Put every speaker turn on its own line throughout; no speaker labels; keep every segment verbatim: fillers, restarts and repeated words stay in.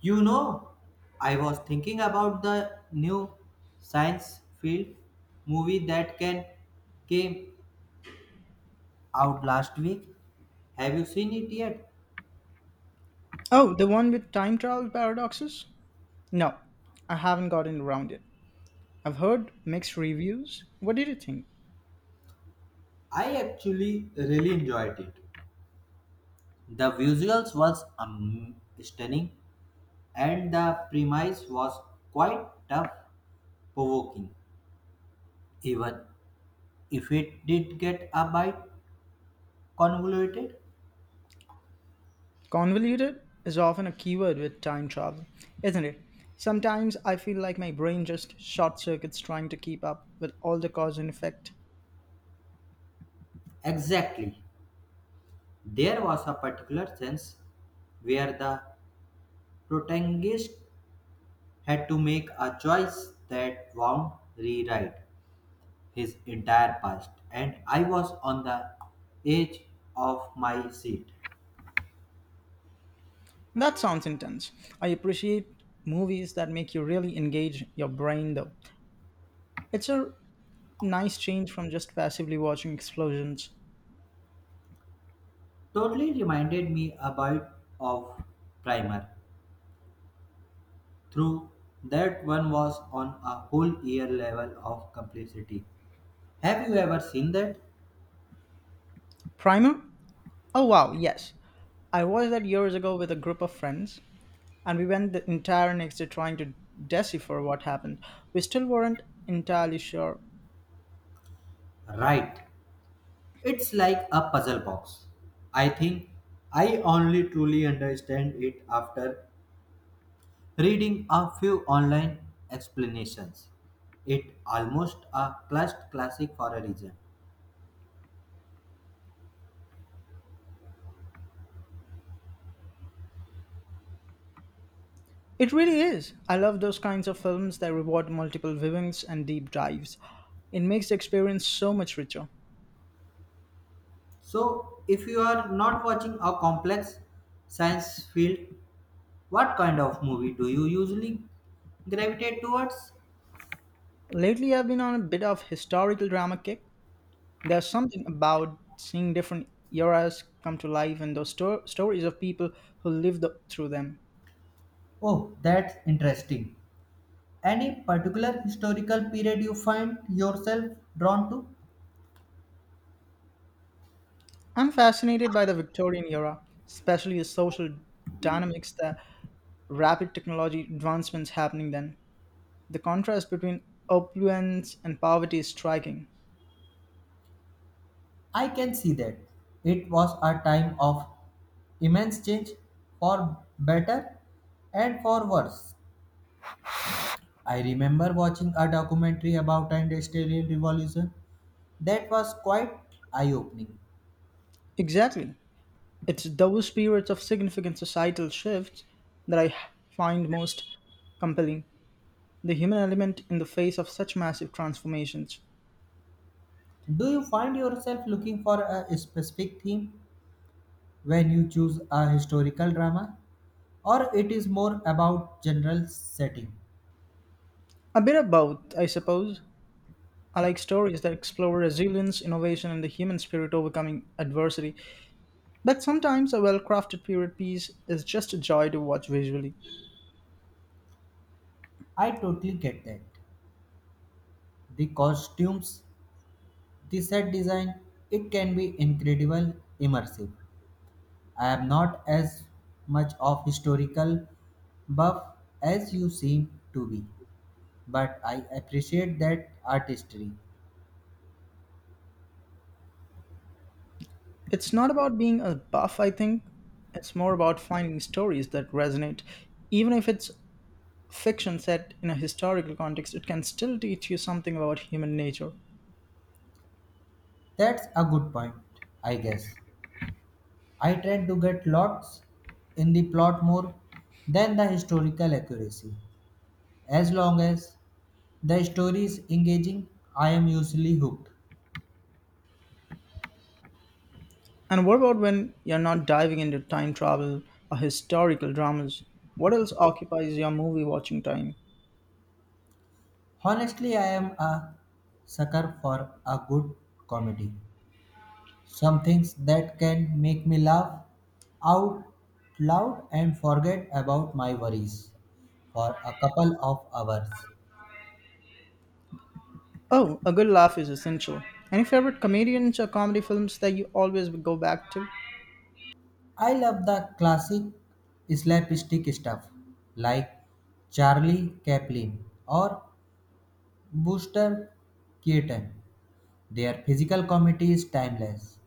You know, I was thinking about the new science field movie that can came out last week. Have you seen it yet?
Oh, the one with time travel paradoxes? No, I haven't gotten around it. I've heard mixed reviews. What did you think?
I actually really enjoyed it. The visuals was um, stunning and the premise was quite tough provoking even if it did get a bit convoluted.
Convoluted is often a keyword with time travel, isn't it? Sometimes I feel like my brain just short circuits trying to keep up with all the cause and effect.
Exactly. There was a particular sense where the Protagonist had to make a choice that wound rewrite his entire past, and I was on the edge of my seat.
That sounds intense. I appreciate movies that make you really engage your brain, though. It's a nice change from just passively watching explosions.
Totally reminded me about of Primer. Through that one was on a whole year level of complexity. Have you ever seen that?
Primer? Oh wow, yes. I watched that years ago with a group of friends, and we went the entire next day trying to decipher what happened. We still weren't entirely sure.
Right. It's like a puzzle box. I think I only truly understand it after reading a few online explanations, it almost a clutch classic for a reason.
It really is. I love those kinds of films that reward multiple viewings and deep dives. It makes the experience so much richer.
So, if you are not watching a complex science field, what kind of movie do you usually gravitate towards?
Lately, I've been on a bit of historical drama kick. There's something about seeing different eras come to life and those sto- stories of people who lived th- through them.
Oh, that's interesting. Any particular historical period you find yourself drawn to?
I'm fascinated by the Victorian era, especially the social dynamics, the rapid technology advancements happening then. The contrast between opulence and poverty is striking.
I can see that. It was a time of immense change for better and for worse. I remember watching a documentary about industrial revolution that was quite eye-opening.
Exactly. It's those periods of significant societal shifts that I find most compelling. The human element in the face of such massive transformations.
Do you find yourself looking for a specific theme when you choose a historical drama or it is more about general setting?
A bit of both, I suppose. I like stories that explore resilience, innovation, and the human spirit overcoming adversity. But sometimes a well crafted period piece is just a joy to watch visually.
I totally get that. The costumes, the set design, it can be incredible immersive. I am not as much of historical buff as you seem to be but I appreciate that artistry.
It's not about being a buff, I think. It's more about finding stories that resonate. Even if it's fiction set in a historical context, it can still teach you something about human nature.
That's a good point, I guess. I tend to get lots in the plot more than the historical accuracy. As long as the story is engaging, I am usually hooked.
And what about when you're not diving into time travel or historical dramas? What else occupies your movie watching time?
Honestly, I am a sucker for a good comedy. Some things that can make me laugh out loud and forget about my worries for a couple of hours.
Oh, a good laugh is essential. Any favorite comedians or comedy films that you always go back to?
I love the classic slapstick stuff like Charlie Chaplin or Buster Keaton. Their physical comedy is timeless,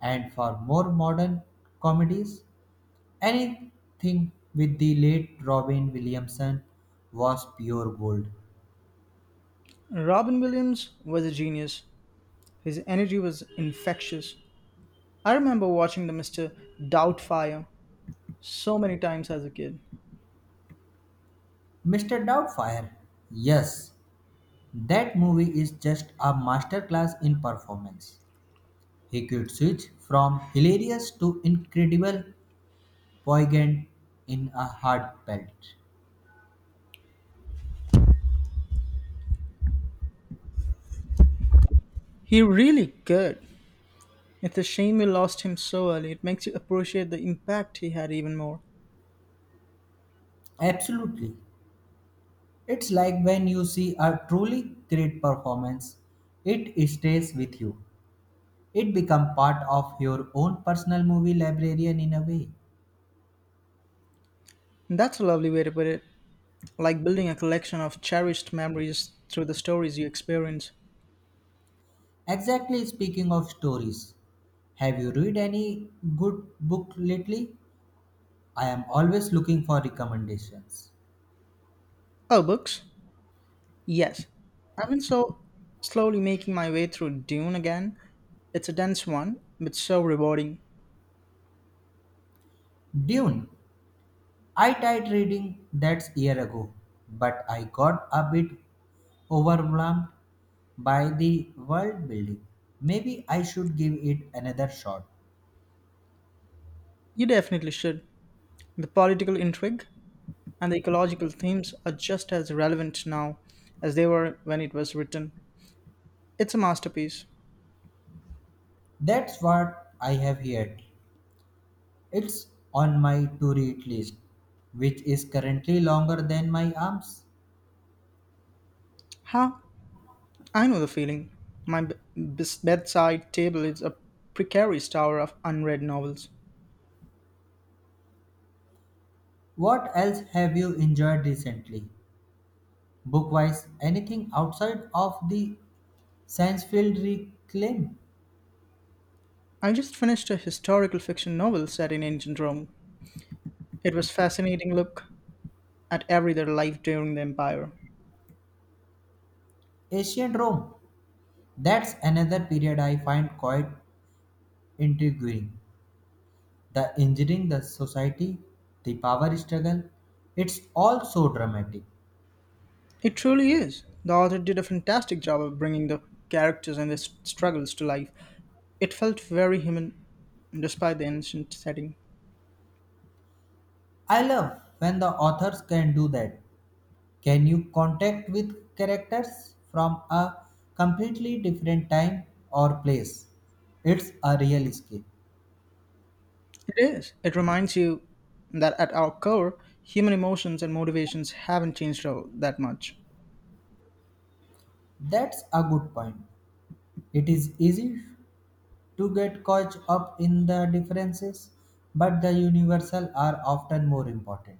and for more modern comedies, anything with the late Robin Williamson was pure gold.
Robin Williams was a genius. His energy was infectious. I remember watching the Mister Doubtfire so many times as a kid.
mister Doubtfire, yes, that movie is just a masterclass in performance. He could switch from hilarious to incredible poignant in a hard belt.
He really could. It's a shame we lost him so early. It makes you appreciate the impact he had even more.
Absolutely. It's like when you see a truly great performance, it stays with you. It becomes part of your own personal movie librarian in a way.
And that's a lovely way to put it. Like building a collection of cherished memories through the stories you experience.
Exactly speaking of stories, have you read any good book lately? I am always looking for recommendations.
Oh, books? Yes. I've been so slowly making my way through Dune again. It's a dense one, but so rewarding.
Dune. I tried reading that year ago, but I got a bit overwhelmed by the world building. Maybe I should give it another shot.
You definitely should. The political intrigue and the ecological themes are just as relevant now as they were when it was written. It's a masterpiece.
That's what I have heard. It's on my to read list, which is currently longer than my arms.
How? I know the feeling. My b- bes- bedside table is a precarious tower of unread novels.
What else have you enjoyed recently? Book wise, anything outside of the science field reclaim?
I just finished a historical fiction novel set in ancient Rome. It was fascinating look at everyday life during the empire.
Ancient Rome. That's another period I find quite intriguing. The engineering, the society, the power struggle. It's all so dramatic.
It truly is. The author did a fantastic job of bringing the characters and their s- struggles to life. It felt very human despite the ancient setting.
I love when the authors can do that. Can you contact with characters from a completely different time or place? It's a real escape.
It is. It reminds you that at our core, human emotions and motivations haven't changed all that much.
That's a good point. It is easy to get caught up in the differences, but the universal are often more important.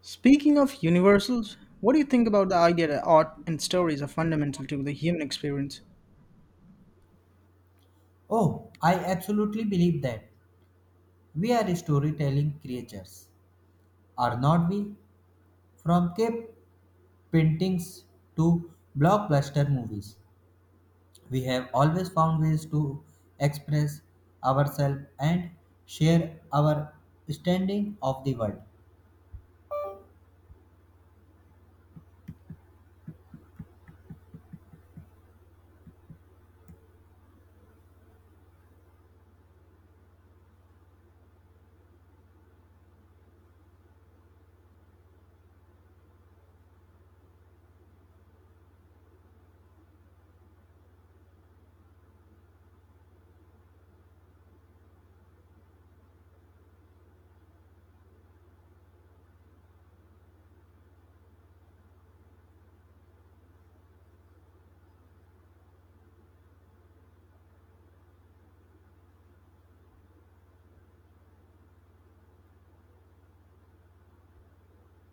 Speaking of universals, what do you think about the idea that art and stories are fundamental to the human experience?
Oh, I absolutely believe that. We are storytelling creatures, are not we? From cave paintings to blockbuster movies. We have always found ways to express ourselves and share our understanding of the world.